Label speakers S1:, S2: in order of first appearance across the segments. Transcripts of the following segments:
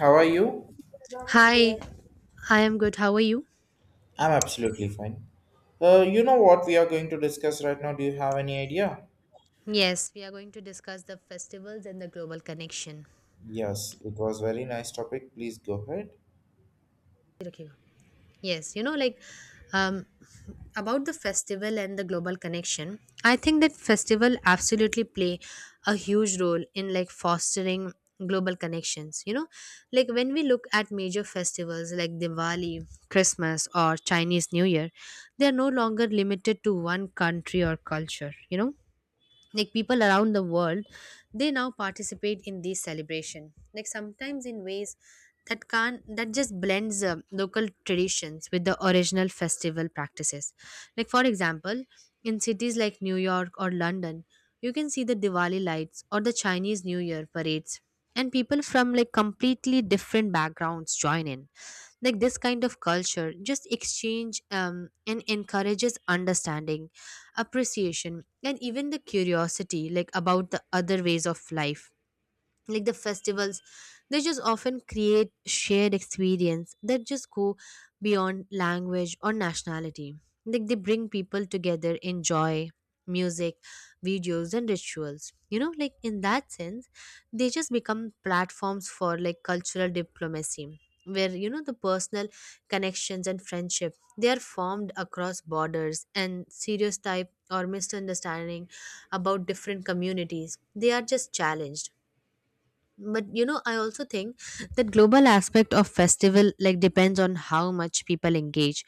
S1: How are you?
S2: Hi, I am good. How are you?
S1: I'm absolutely fine. You know what we are going to discuss right now. Do you have any idea?
S2: Yes, we are going to discuss the festivals and the global connection.
S1: Yes, it was very nice topic. Please go ahead.
S2: Okay. Yes, you know, like um, about the festival and the global connection, I think that festival absolutely play a huge role in like fostering global connections. You know, like when we look at major festivals like Diwali, Christmas, or Chinese New Year, they are no longer limited to one country or culture. You know, like people around the world they now participate in this celebration, like sometimes in ways that just blends local traditions with the original festival practices, like for example in cities like New York or London, you can see the Diwali lights or the Chinese New Year parades, and people from like completely different backgrounds join in. Like this kind of culture just exchange and encourages understanding, appreciation, and even the curiosity like about the other ways of life. Like the festivals, they just often create shared experience that just go beyond language or nationality, like they bring people together in joy, music, videos, and rituals. You know, like in that sense, they just become platforms for like cultural diplomacy, where you know the personal connections and friendship, they are formed across borders, and stereotype or misunderstanding about different communities, they are just challenged. But you know, I also think that global aspect of festival like depends on how much people engage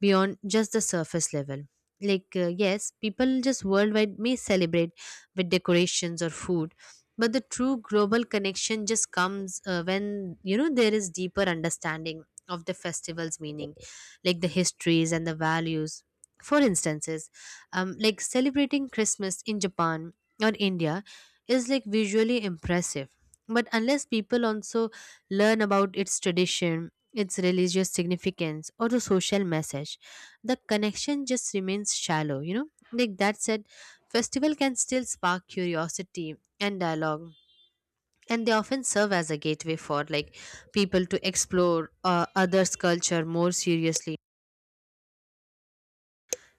S2: beyond just the surface level. Like yes, people just worldwide may celebrate with decorations or food, but the true global connection just comes when you know there is deeper understanding of the festival's meaning, like the histories and the values. For instances, like celebrating Christmas in Japan or India is like visually impressive, but unless people also learn about its tradition, its religious significance, or the social message, the connection just remains shallow, you know? Like that said, festival can still spark curiosity and dialogue. And they often serve as a gateway for like people to explore others' culture more seriously.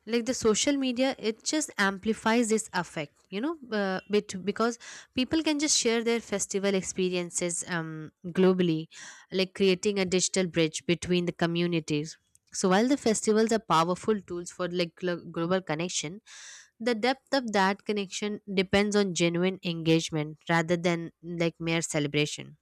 S2: Like the social media, it just amplifies this effect, you know, bit because people can just share their festival experiences globally, like creating a digital bridge between the communities. So while the festivals are powerful tools for like global connection, the depth of that connection depends on genuine engagement rather than like mere celebration.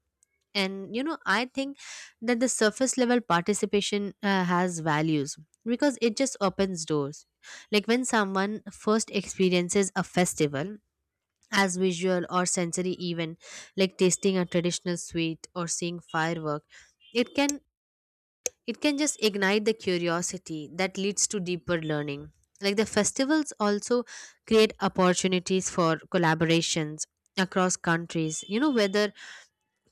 S2: And you know, I think that the surface level participation has values because it just opens doors. Like when someone first experiences a festival as visual or sensory event, like tasting a traditional sweet or seeing firework, it can, it can just ignite the curiosity that leads to deeper learning. Like the festivals also create opportunities for collaborations across countries, you know, whether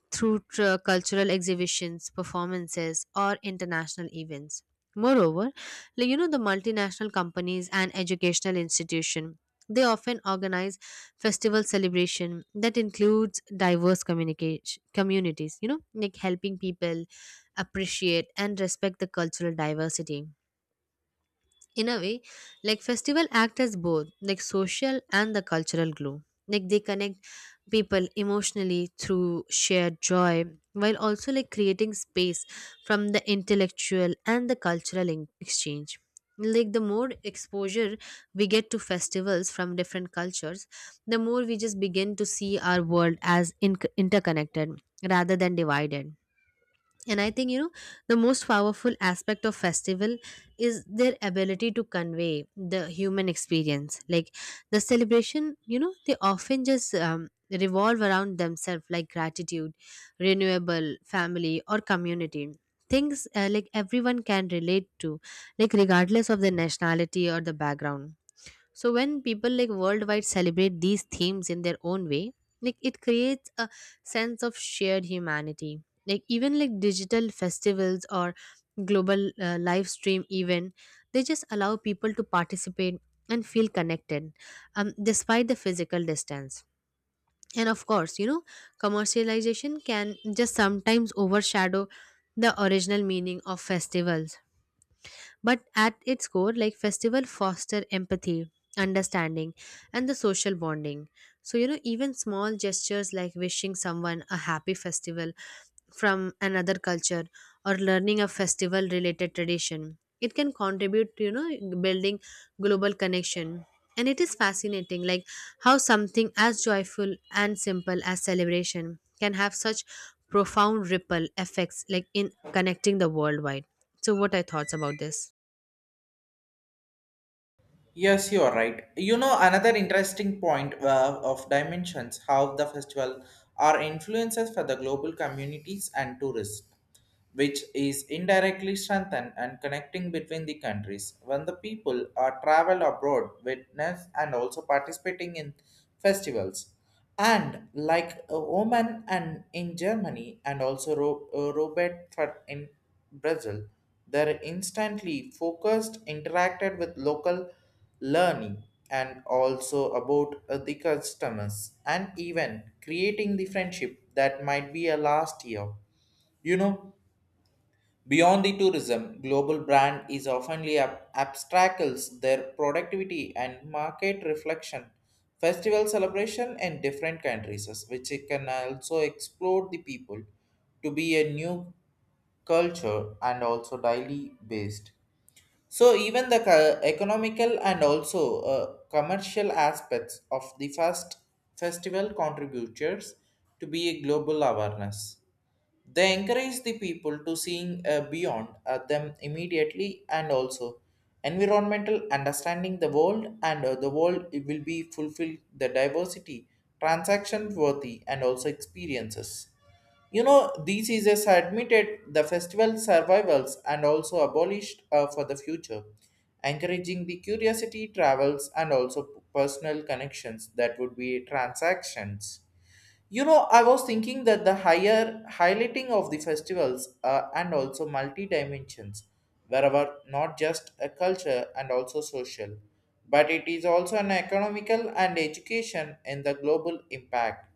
S2: through cultural exhibitions, performances, or international events. Moreover, like, you know, the multinational companies and educational institution, they often organize festival celebration that includes diverse communication communities, you know, like helping people appreciate and respect the cultural diversity. In a way, like festival act as both like social and the cultural glue, like they connect people emotionally through shared joy, while also like creating space from the intellectual and the cultural exchange. Like the more exposure we get to festivals from different cultures, the more we just begin to see our world as interconnected rather than divided. And I think, you know, the most powerful aspect of festival is their ability to convey the human experience. Like the celebration, you know, they often just revolve around themselves, like gratitude, renewable, family or community, things like everyone can relate to, like regardless of their nationality or the background. So when people like worldwide celebrate these themes in their own way, like it creates a sense of shared humanity. Like even like digital festivals or global live stream event, they just allow people to participate and feel connected, despite the physical distance. And of course, you know, commercialization can just sometimes overshadow the original meaning of festivals, but at its core, like festival foster empathy, understanding, and the social bonding. So, you know, even small gestures like wishing someone a happy festival from another culture or learning a festival related tradition, it can contribute to, you know, building global connection. And it is fascinating, like how something as joyful and simple as celebration can have such profound ripple effects, like in connecting the worldwide. So, what are your thoughts about this?
S1: Yes, you are right. You know, another interesting point of dimensions how the festival are influences for the global communities and tourists, which is indirectly strengthened and connecting between the countries. When the people are travel abroad, witness and also participating in festivals, and like Oman and in Germany and also Robert in Brazil, they're instantly focused, interacted with local learning and also about the customers and even creating the friendship that might be a last year, you know, beyond the tourism, global brand is oftenly abstracts their productivity and market reflection. Festival celebration in different countries, which it can also explore the people to be a new culture and also daily based. So even the economical and also commercial aspects of the first festival contributors to be a global awareness. They encourage the people to seeing beyond them immediately and also environmental understanding the world and the world it will be fulfilled the diversity, transaction worthy and also experiences. You know, these is admitted the festival survivals and also abolished for the future, encouraging the curiosity travels and also personal connections that would be transactions. You know, I was thinking that the higher highlighting of the festivals and also multi dimensions, wherever not just a culture and also social, but it is also an economical and education in the global impact.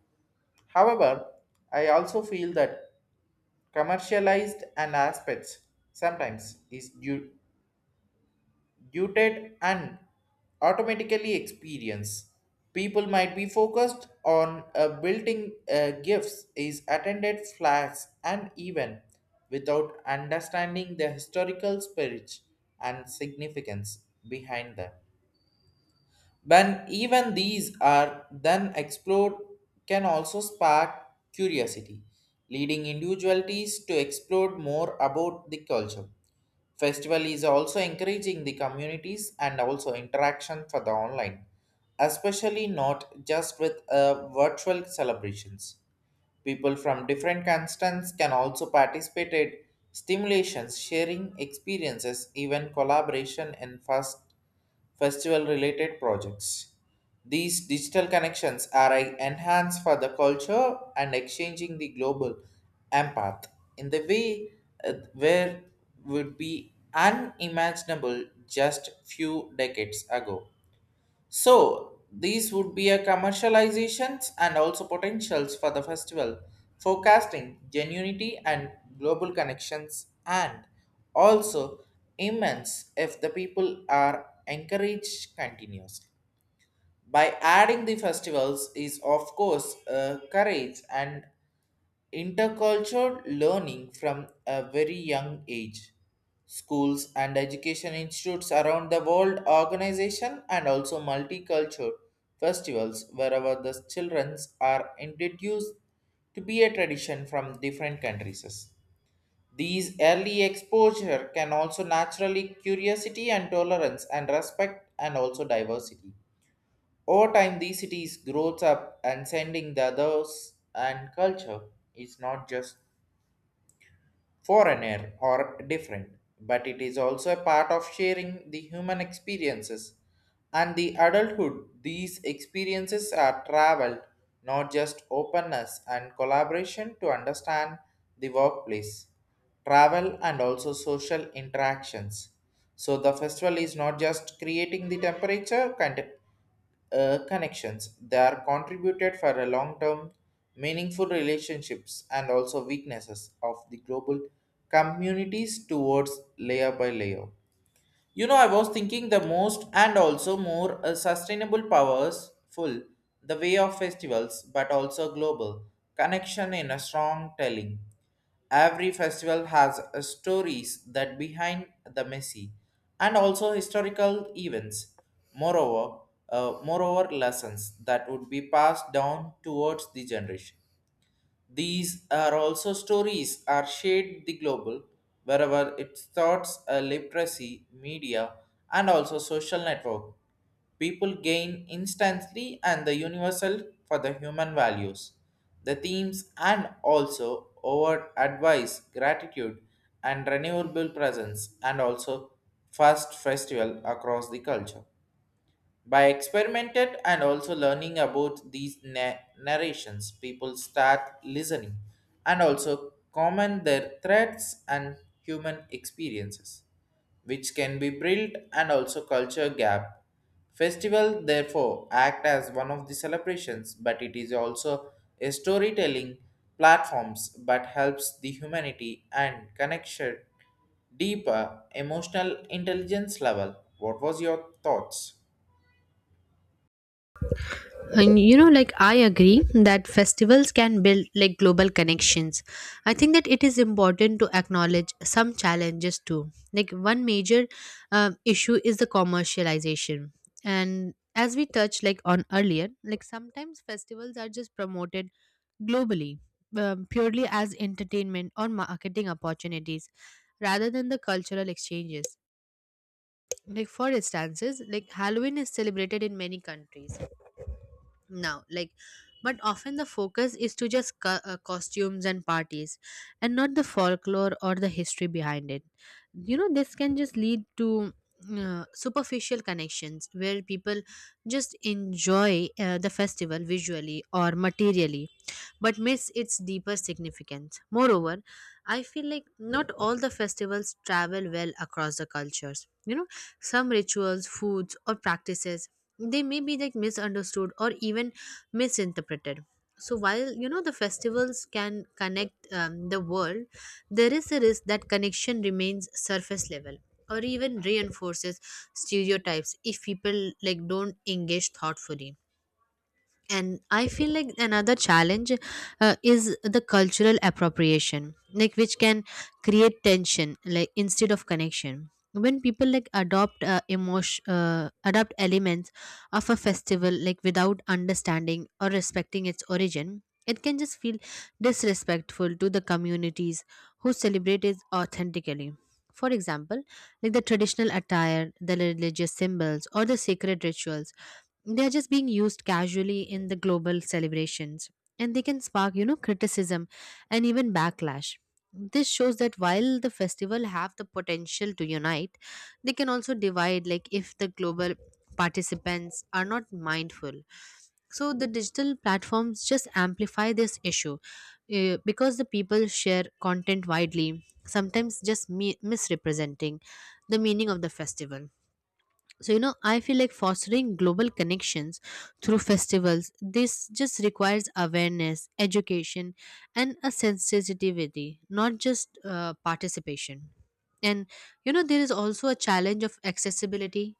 S1: However, I also feel that commercialized and aspects sometimes is due muted and automatically experience. People might be focused on building gifts is attended flags and even without understanding the historical spirit and significance behind them. When even these are then explored, can also spark curiosity, leading individualities to explore more about the culture. Festival is also encouraging the communities and also interaction for the online, especially not just with virtual celebrations. People from different constants can also participate in stimulations, sharing experiences, even collaboration in first festival related projects. These digital connections are an enhance for the culture and exchanging the global empath in the way where would be unimaginable just few decades ago. So these would be a commercializations and also potentials for the festival, forecasting genuinity and global connections and also immense if the people are encouraged continuously. By adding the festivals is of course courage and intercultural learning from a very young age. Schools and education institutes around the world, organization and also multicultural festivals wherever the children are introduced to be a tradition from different countries. These early exposure can also naturally curiosity and tolerance and respect and also diversity. Over time, these cities grows up and sending the others and culture is not just foreigner or different, but it is also a part of sharing the human experiences and the adulthood. These experiences are traveled, not just openness and collaboration to understand the workplace travel, and also social interactions. So the festival is not just creating the connections; they are contributed for a long-term, meaningful relationships and also weaknesses of the global communities towards layer by layer. You know, I was thinking the most and also more sustainable powers full the way of festivals, but also global connection in a strong telling. Every festival has stories that behind the messy and also historical events. Moreover, lessons that would be passed down towards the generation. These are also stories are shared the global, wherever its thoughts a literacy, media, and also social network. People gain instantly and the universal for the human values. The themes and also overt advice, gratitude, and renewable presence, and also first festival across the culture. By experimented and also learning about these narrations, people start listening and also comment their threats and human experiences, which can be built and also culture gap. Festival therefore act as one of the celebrations, but it is also a storytelling platforms but helps the humanity and connection deeper emotional intelligence level. What was your thoughts?
S2: And you know, like I agree that festivals can build like global connections. I think that it is important to acknowledge some challenges too. Like one major issue is the commercialization, and as we touched like on earlier, like sometimes festivals are just promoted globally purely as entertainment or marketing opportunities rather than the cultural exchanges. Like for instances, like Halloween is celebrated in many countries now, like, but often the focus is to just costumes and parties and not the folklore or the history behind it. You know, this can just lead to superficial connections where people just enjoy the festival visually or materially, but miss its deeper significance. Moreover, I feel like not all the festivals travel well across the cultures. You know, some rituals, foods, or practices, they may be like misunderstood or even misinterpreted. So while you know the festivals can connect the world, there is a risk that connection remains surface level or even reinforces stereotypes if people like don't engage thoughtfully. And I feel like another challenge is the cultural appropriation, like which can create tension like instead of connection. When people like adopt elements of a festival like without understanding or respecting its origin, it can just feel disrespectful to the communities who celebrate it authentically. For example, like the traditional attire, the religious symbols, or the sacred rituals, they're just being used casually in the global celebrations, and they can spark, you know, criticism and even backlash. This shows that while the festival have the potential to unite, they can also divide, like if the global participants are not mindful. So the digital platforms just amplify this issue because the people share content widely, sometimes just misrepresenting the meaning of the festival. So you know, I feel like fostering global connections through festivals, this just requires awareness, education, and a sensitivity, not just participation. And you know, there is also a challenge of accessibility.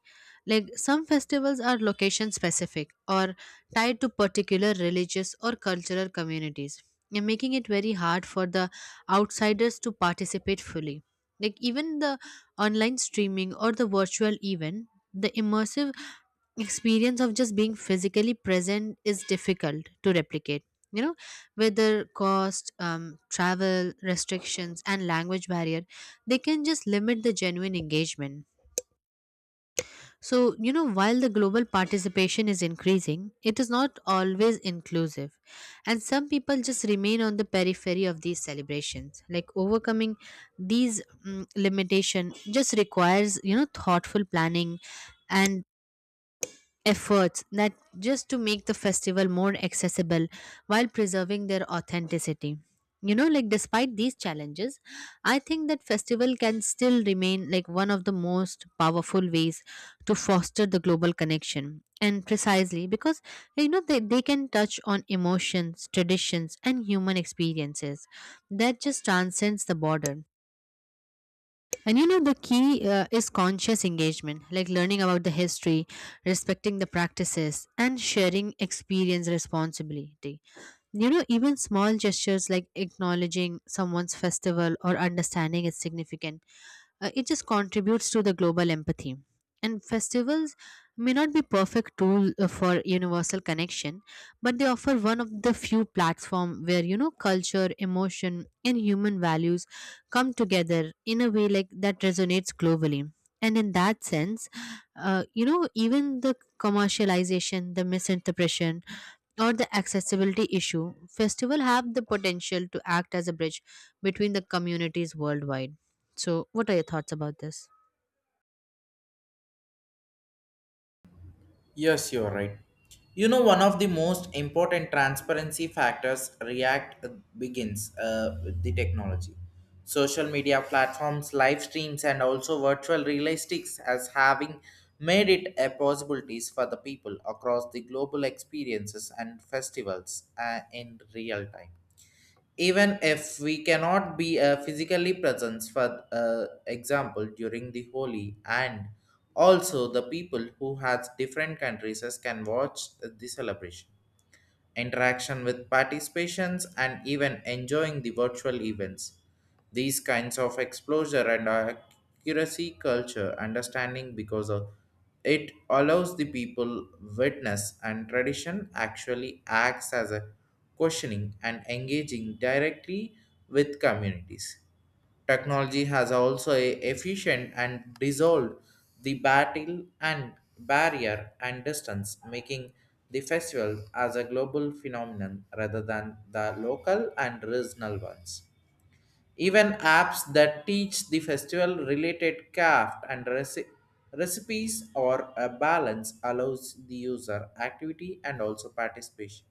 S2: Like some festivals are location specific or tied to particular religious or cultural communities, and making it very hard for the outsiders to participate fully. Like even the online streaming or the virtual event, the immersive experience of just being physically present is difficult to replicate. You know, whether cost, travel restrictions, and language barrier, they can just limit the genuine engagement. So you know, while the global participation is increasing, it is not always inclusive, and some people just remain on the periphery of these celebrations. Like overcoming these limitation just requires, you know, thoughtful planning and efforts that just to make the festival more accessible while preserving their authenticity. You know, like despite these challenges, I think that festival can still remain like one of the most powerful ways to foster the global connection, and precisely because you know they can touch on emotions, traditions, and human experiences that just transcends the border. And you know, the key is conscious engagement, like learning about the history, respecting the practices, and sharing experience responsibility. You know, even small gestures like acknowledging someone's festival or understanding is significant. It just contributes to the global empathy. And festivals may not be perfect tool for universal connection, but they offer one of the few platform where you know culture, emotion, and human values come together in a way like that resonates globally. And in that sense, you know, even the commercialization, the misinterpretation, or the accessibility issue, festival have the potential to act as a bridge between the communities worldwide. So, what are your thoughts about this?
S1: Yes, you're right. You know, one of the most important transparency factors React begins with the technology. Social media platforms, live streams, and also virtual realistics as having made it a possibilities for the people across the global experiences and festivals in real time even if we cannot be physically present for example during the holy and also the people who has different countries can watch the celebration interaction with participations, and even enjoying the virtual events. These kinds of exposure and accuracy culture understanding because of it allows the people witness and tradition actually acts as a questioning and engaging directly with communities. Technology has also efficient and dissolved the battle and barrier and distance, making the festival as a global phenomenon rather than the local and regional ones. Even apps that teach the festival related craft and recipes or a balance allows the user activity and also participation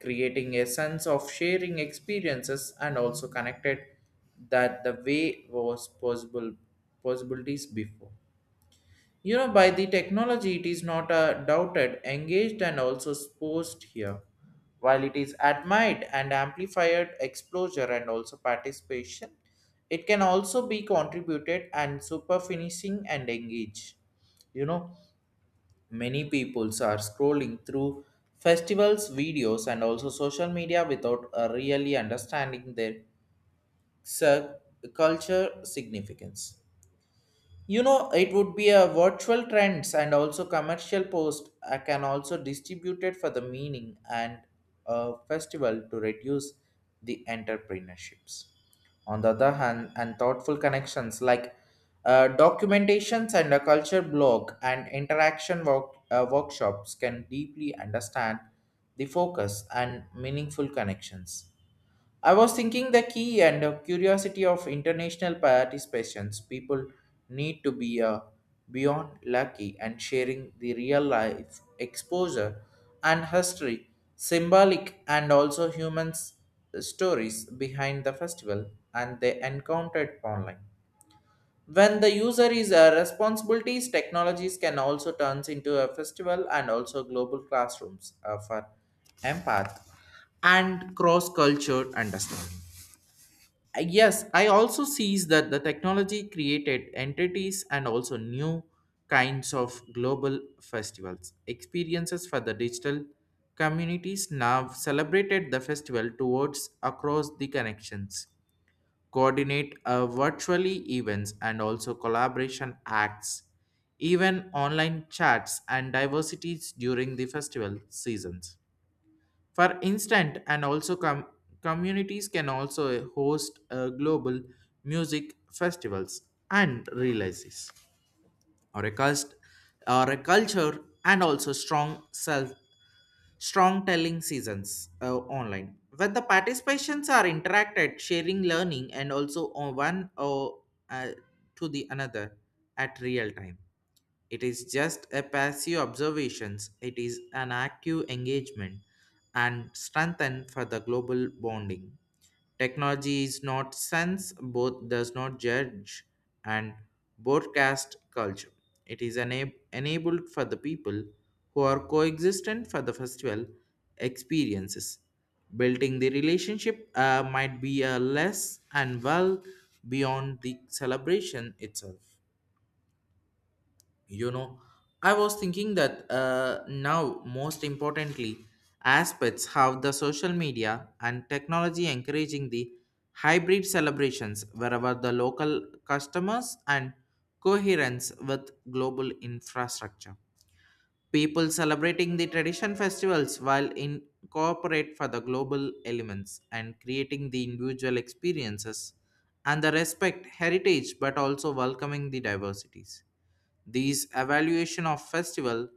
S1: creating a sense of sharing experiences and also connected that the way was possible possibilities before. You know, by the technology it is not doubted engaged and also posed here while it is admired and amplified exposure and also participation it can also be contributed and super finishing and engage, you know. Many peoples are scrolling through festivals, videos, and also social media without really understanding their cir- culture significance. You know, it would be a virtual trends and also commercial post can also distribute it for the meaning and a festival to reduce the entrepreneurships. On the other hand, and thoughtful connections like documentations and a culture blog and interaction workshops can deeply understand the focus and meaningful connections. I was thinking the key and curiosity of international participations. People need to be beyond lucky and sharing the real life exposure and history, symbolic and also stories behind the festival and they encountered online. When the user is responsibilities, technologies can also turns into a festival and also global classrooms for empath and cross culture understanding. Yes, I also sees that the technology created entities and also new kinds of global festivals. Experiences for the digital communities now celebrated the festival towards across the connections, coordinate virtually events and also collaboration acts, even online chats and diversities during the festival seasons. For instance, and also communities can also host global music festivals and realizes or a or a culture and also strong telling seasons online when the participations are interacted sharing learning and also on one or uh, to the another at real time, it is just a passive observations, it is an active engagement and strengthen for the global bonding. Technology is not sense, both does not judge and broadcast culture. It is enabled for the people who are coexistent for the festival experiences. Building the relationship might be a less and well beyond the celebration itself. You know, I was thinking that now most importantly aspects how the social media and technology encouraging the hybrid celebrations wherever the local customers and coherence with global infrastructure people celebrating the tradition festivals while incorporate for the global elements and creating the individual experiences and the respect heritage but also welcoming the diversities. These evaluation of festival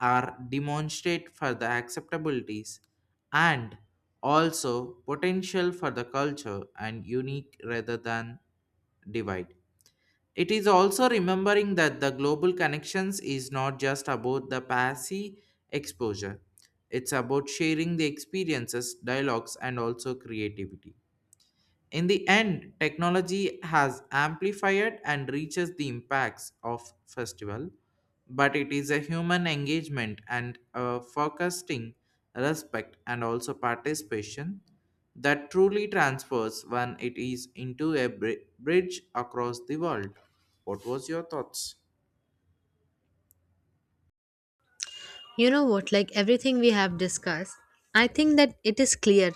S1: are demonstrate for the acceptabilities and also potential for the culture and unique rather than divide. It is also remembering that the global connections is not just about the passive exposure. It's about sharing the experiences, dialogues, and also creativity. In the end, technology has amplified and reaches the impacts of festival, but it is a human engagement and a forecasting respect and also participation that truly transfers when it is into a bridge across the world. What was your thoughts?
S2: You know what, like everything we have discussed, I think that it is clear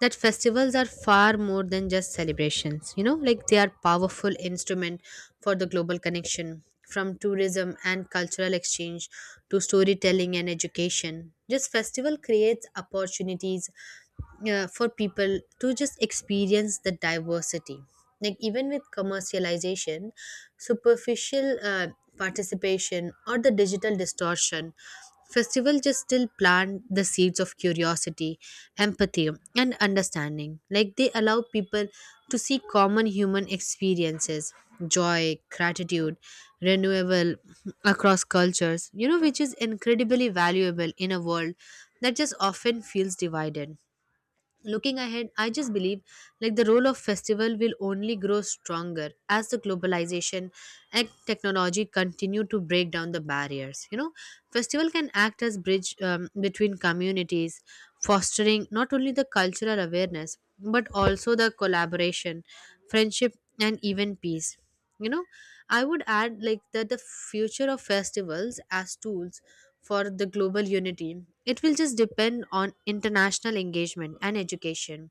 S2: that festivals are far more than just celebrations. You know, like they are powerful instrument for the global connection, from tourism and cultural exchange to storytelling and education. Just festival creates opportunities for people to just experience the diversity. Like even with commercialization, superficial participation, or the digital distortion, festival just still plant the seeds of curiosity, empathy, and understanding. Like they allow people to see common human experiences, joy, gratitude, renewable, across cultures, you know, which is incredibly valuable in a world that just often feels divided. Looking ahead, I just believe like the role of festival will only grow stronger as the globalization and technology continue to break down the barriers. You know, festival can act as bridge between communities, fostering not only the cultural awareness but also the collaboration, friendship, and even peace. You know, I would add like that the future of festivals as tools for the global unity, it will just depend on international engagement and education.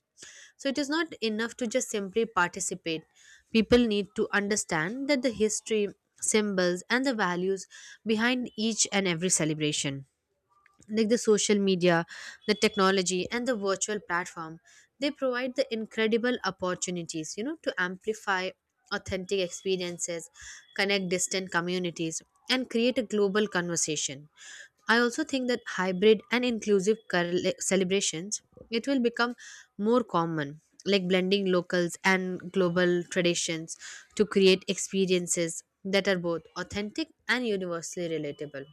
S2: So it is not enough to just simply participate. People need to understand that the history, symbols, and the values behind each and every celebration, like the social media, the technology, and the virtual platform, they provide the incredible opportunities, you know, to amplify authentic experiences, connect distant communities, and create a global conversation. I also think that hybrid and inclusive celebrations, it will become more common, like blending locals and global traditions to create experiences that are both authentic and universally relatable.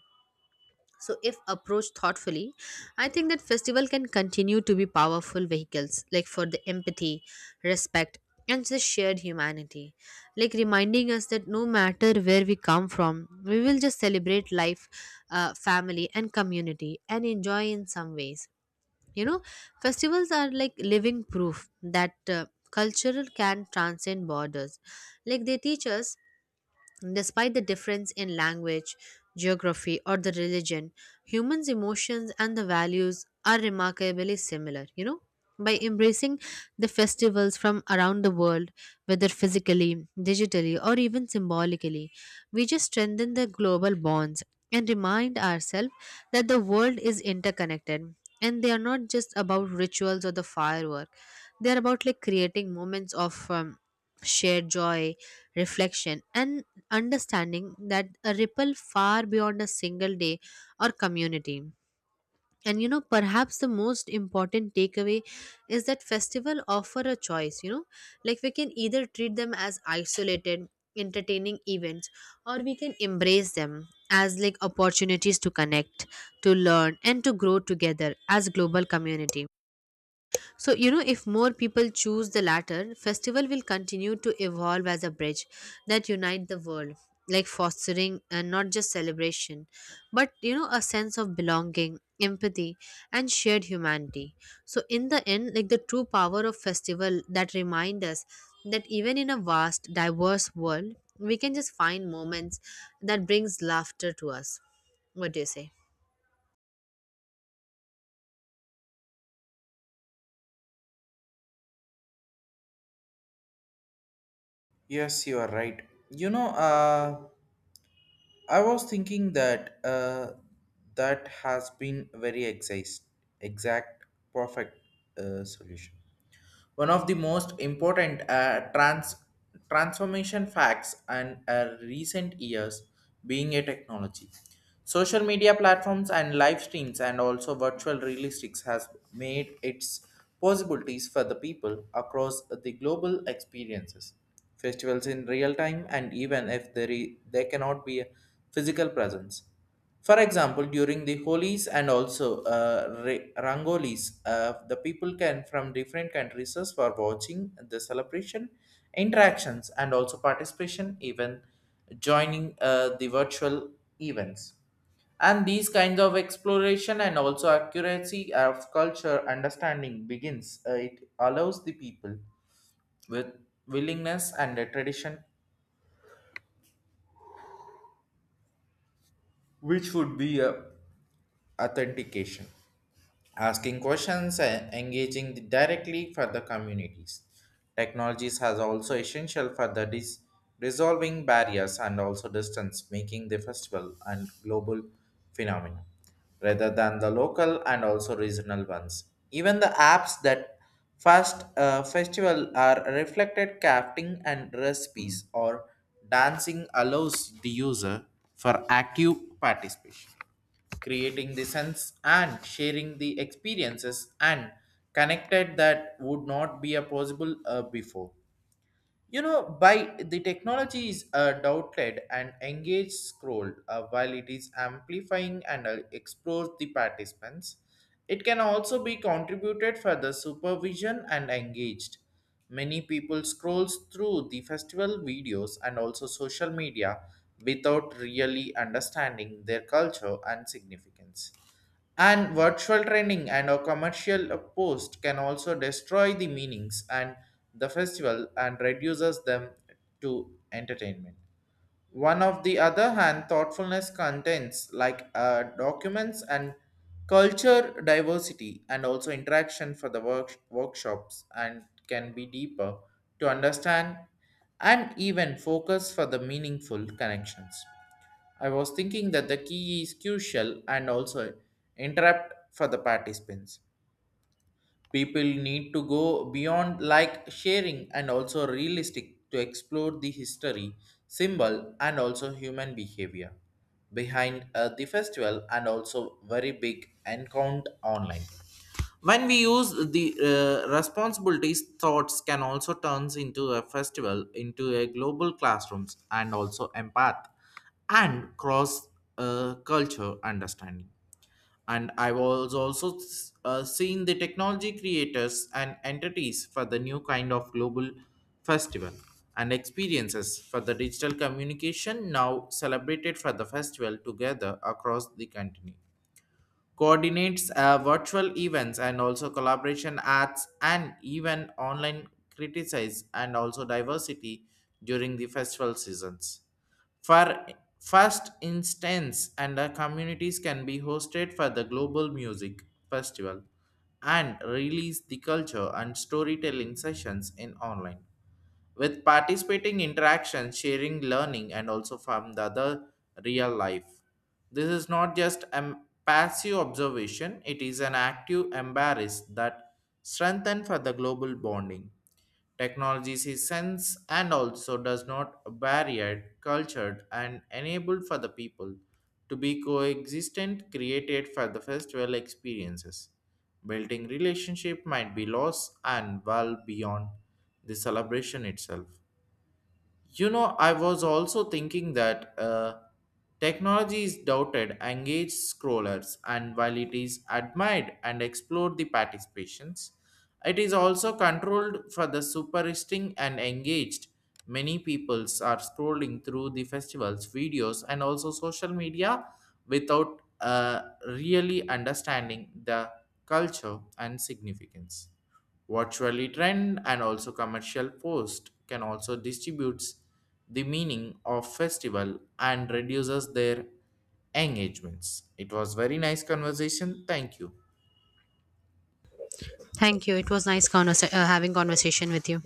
S2: So, if approached thoughtfully, I think that festival can continue to be powerful vehicles, like for the empathy, respect, and the shared humanity, like reminding us that no matter where we come from, we will just celebrate life, family, and community, and enjoy in some ways. You know, festivals are like living proof that culture can transcend borders. Like they teach us, despite the difference in language, geography, or the religion, humans' emotions and the values are remarkably similar, you know. By embracing the festivals from around the world, whether physically, digitally, or even symbolically, we just strengthen the global bonds and remind ourselves that the world is interconnected, and they are not just about rituals or the firework. They are about like creating moments of shared joy, reflection, and understanding that a ripple far beyond a single day or community. And you know, perhaps the most important takeaway is that festival offer a choice, you know, like we can either treat them as isolated, entertaining events, or we can embrace them as like opportunities to connect, to learn, and to grow together as global community. So, you know, if more people choose the latter, festival will continue to evolve as a bridge that unite the world, like fostering and not just celebration, but you know, a sense of belonging, empathy, and shared humanity. So, in the end, like the true power of festival that remind us that even in a vast, diverse world, we can just find moments that brings laughter to us. What do you say?
S1: Yes, you are right. You know, I was thinking that that has been very exact, perfect solution. One of the most important transformation facts and recent years being a technology. Social media platforms and live streams and also virtual realistics has made its possibilities for the people across the global experiences. Festivals in real time and even if there cannot be a physical presence. For example, during the Holis and also Rangolis, the people can from different countries is for watching the celebration, interactions, and also participation, even joining the virtual events. And these kinds of exploration and also accuracy of culture understanding begins. It allows the people with willingness and a tradition which would be a authentication asking questions and engaging directly for the communities. Technologies has also essential for the resolving barriers and also distance making the festival and global phenomenon rather than the local and also regional ones. Even the apps that first festival are reflected crafting and recipes or dancing allows the user for active participation, creating the sense and sharing the experiences and connected that would not be a possible before. You know, by the technology is a doubted and engage scroll while it is amplifying and explores the participants. It can also be contributed for the supervision and engaged. Many people scrolls through the festival videos and also social media without really understanding their culture and significance. And virtual training and a commercial post can also destroy the meanings and the festival and reduces them to entertainment. One of the other hand, thoughtfulness contents like documents and culture diversity and also interaction for the workshops and can be deeper to understand and even focus for the meaningful connections. I was thinking that the key is crucial and also interrupt for the participants. People need to go beyond like sharing and also realistic to explore the history, symbol, and also human behavior behind the festival and also very big encounter online when we use the responsibilities thoughts can also turns into a festival into a global classrooms and also empath and cross culture understanding. And I was also seeing the technology creators and entities for the new kind of global festival and experiences for the digital communication now celebrated for the festival together across the continent coordinates virtual events and also collaboration arts and even online criticize and also diversity during the festival seasons. For first instance, and the communities can be hosted for the global music festival and release the culture and storytelling sessions in online with participating interaction sharing learning and also from the other real life. This is not just a passive observation, it is an active embrace that strengthen for the global bonding. Technologies is sense and also does not barrier cultured and enabled for the people to be coexistent created for the festival experiences. Building relationship might be lost and well beyond the celebration itself. You know, I was also thinking that technology is doubted, engaged scrollers, and while it is admired and explored the participations, it is also controlled for the superisting and engaged. Many peoples are scrolling through the festivals, videos, and also social media without really understanding the culture and significance. Virtually trend and also commercial post can also distributes the meaning of festival and reduces their engagements. It was very nice conversation. Thank you.
S2: Thank you. It was nice having conversation with you.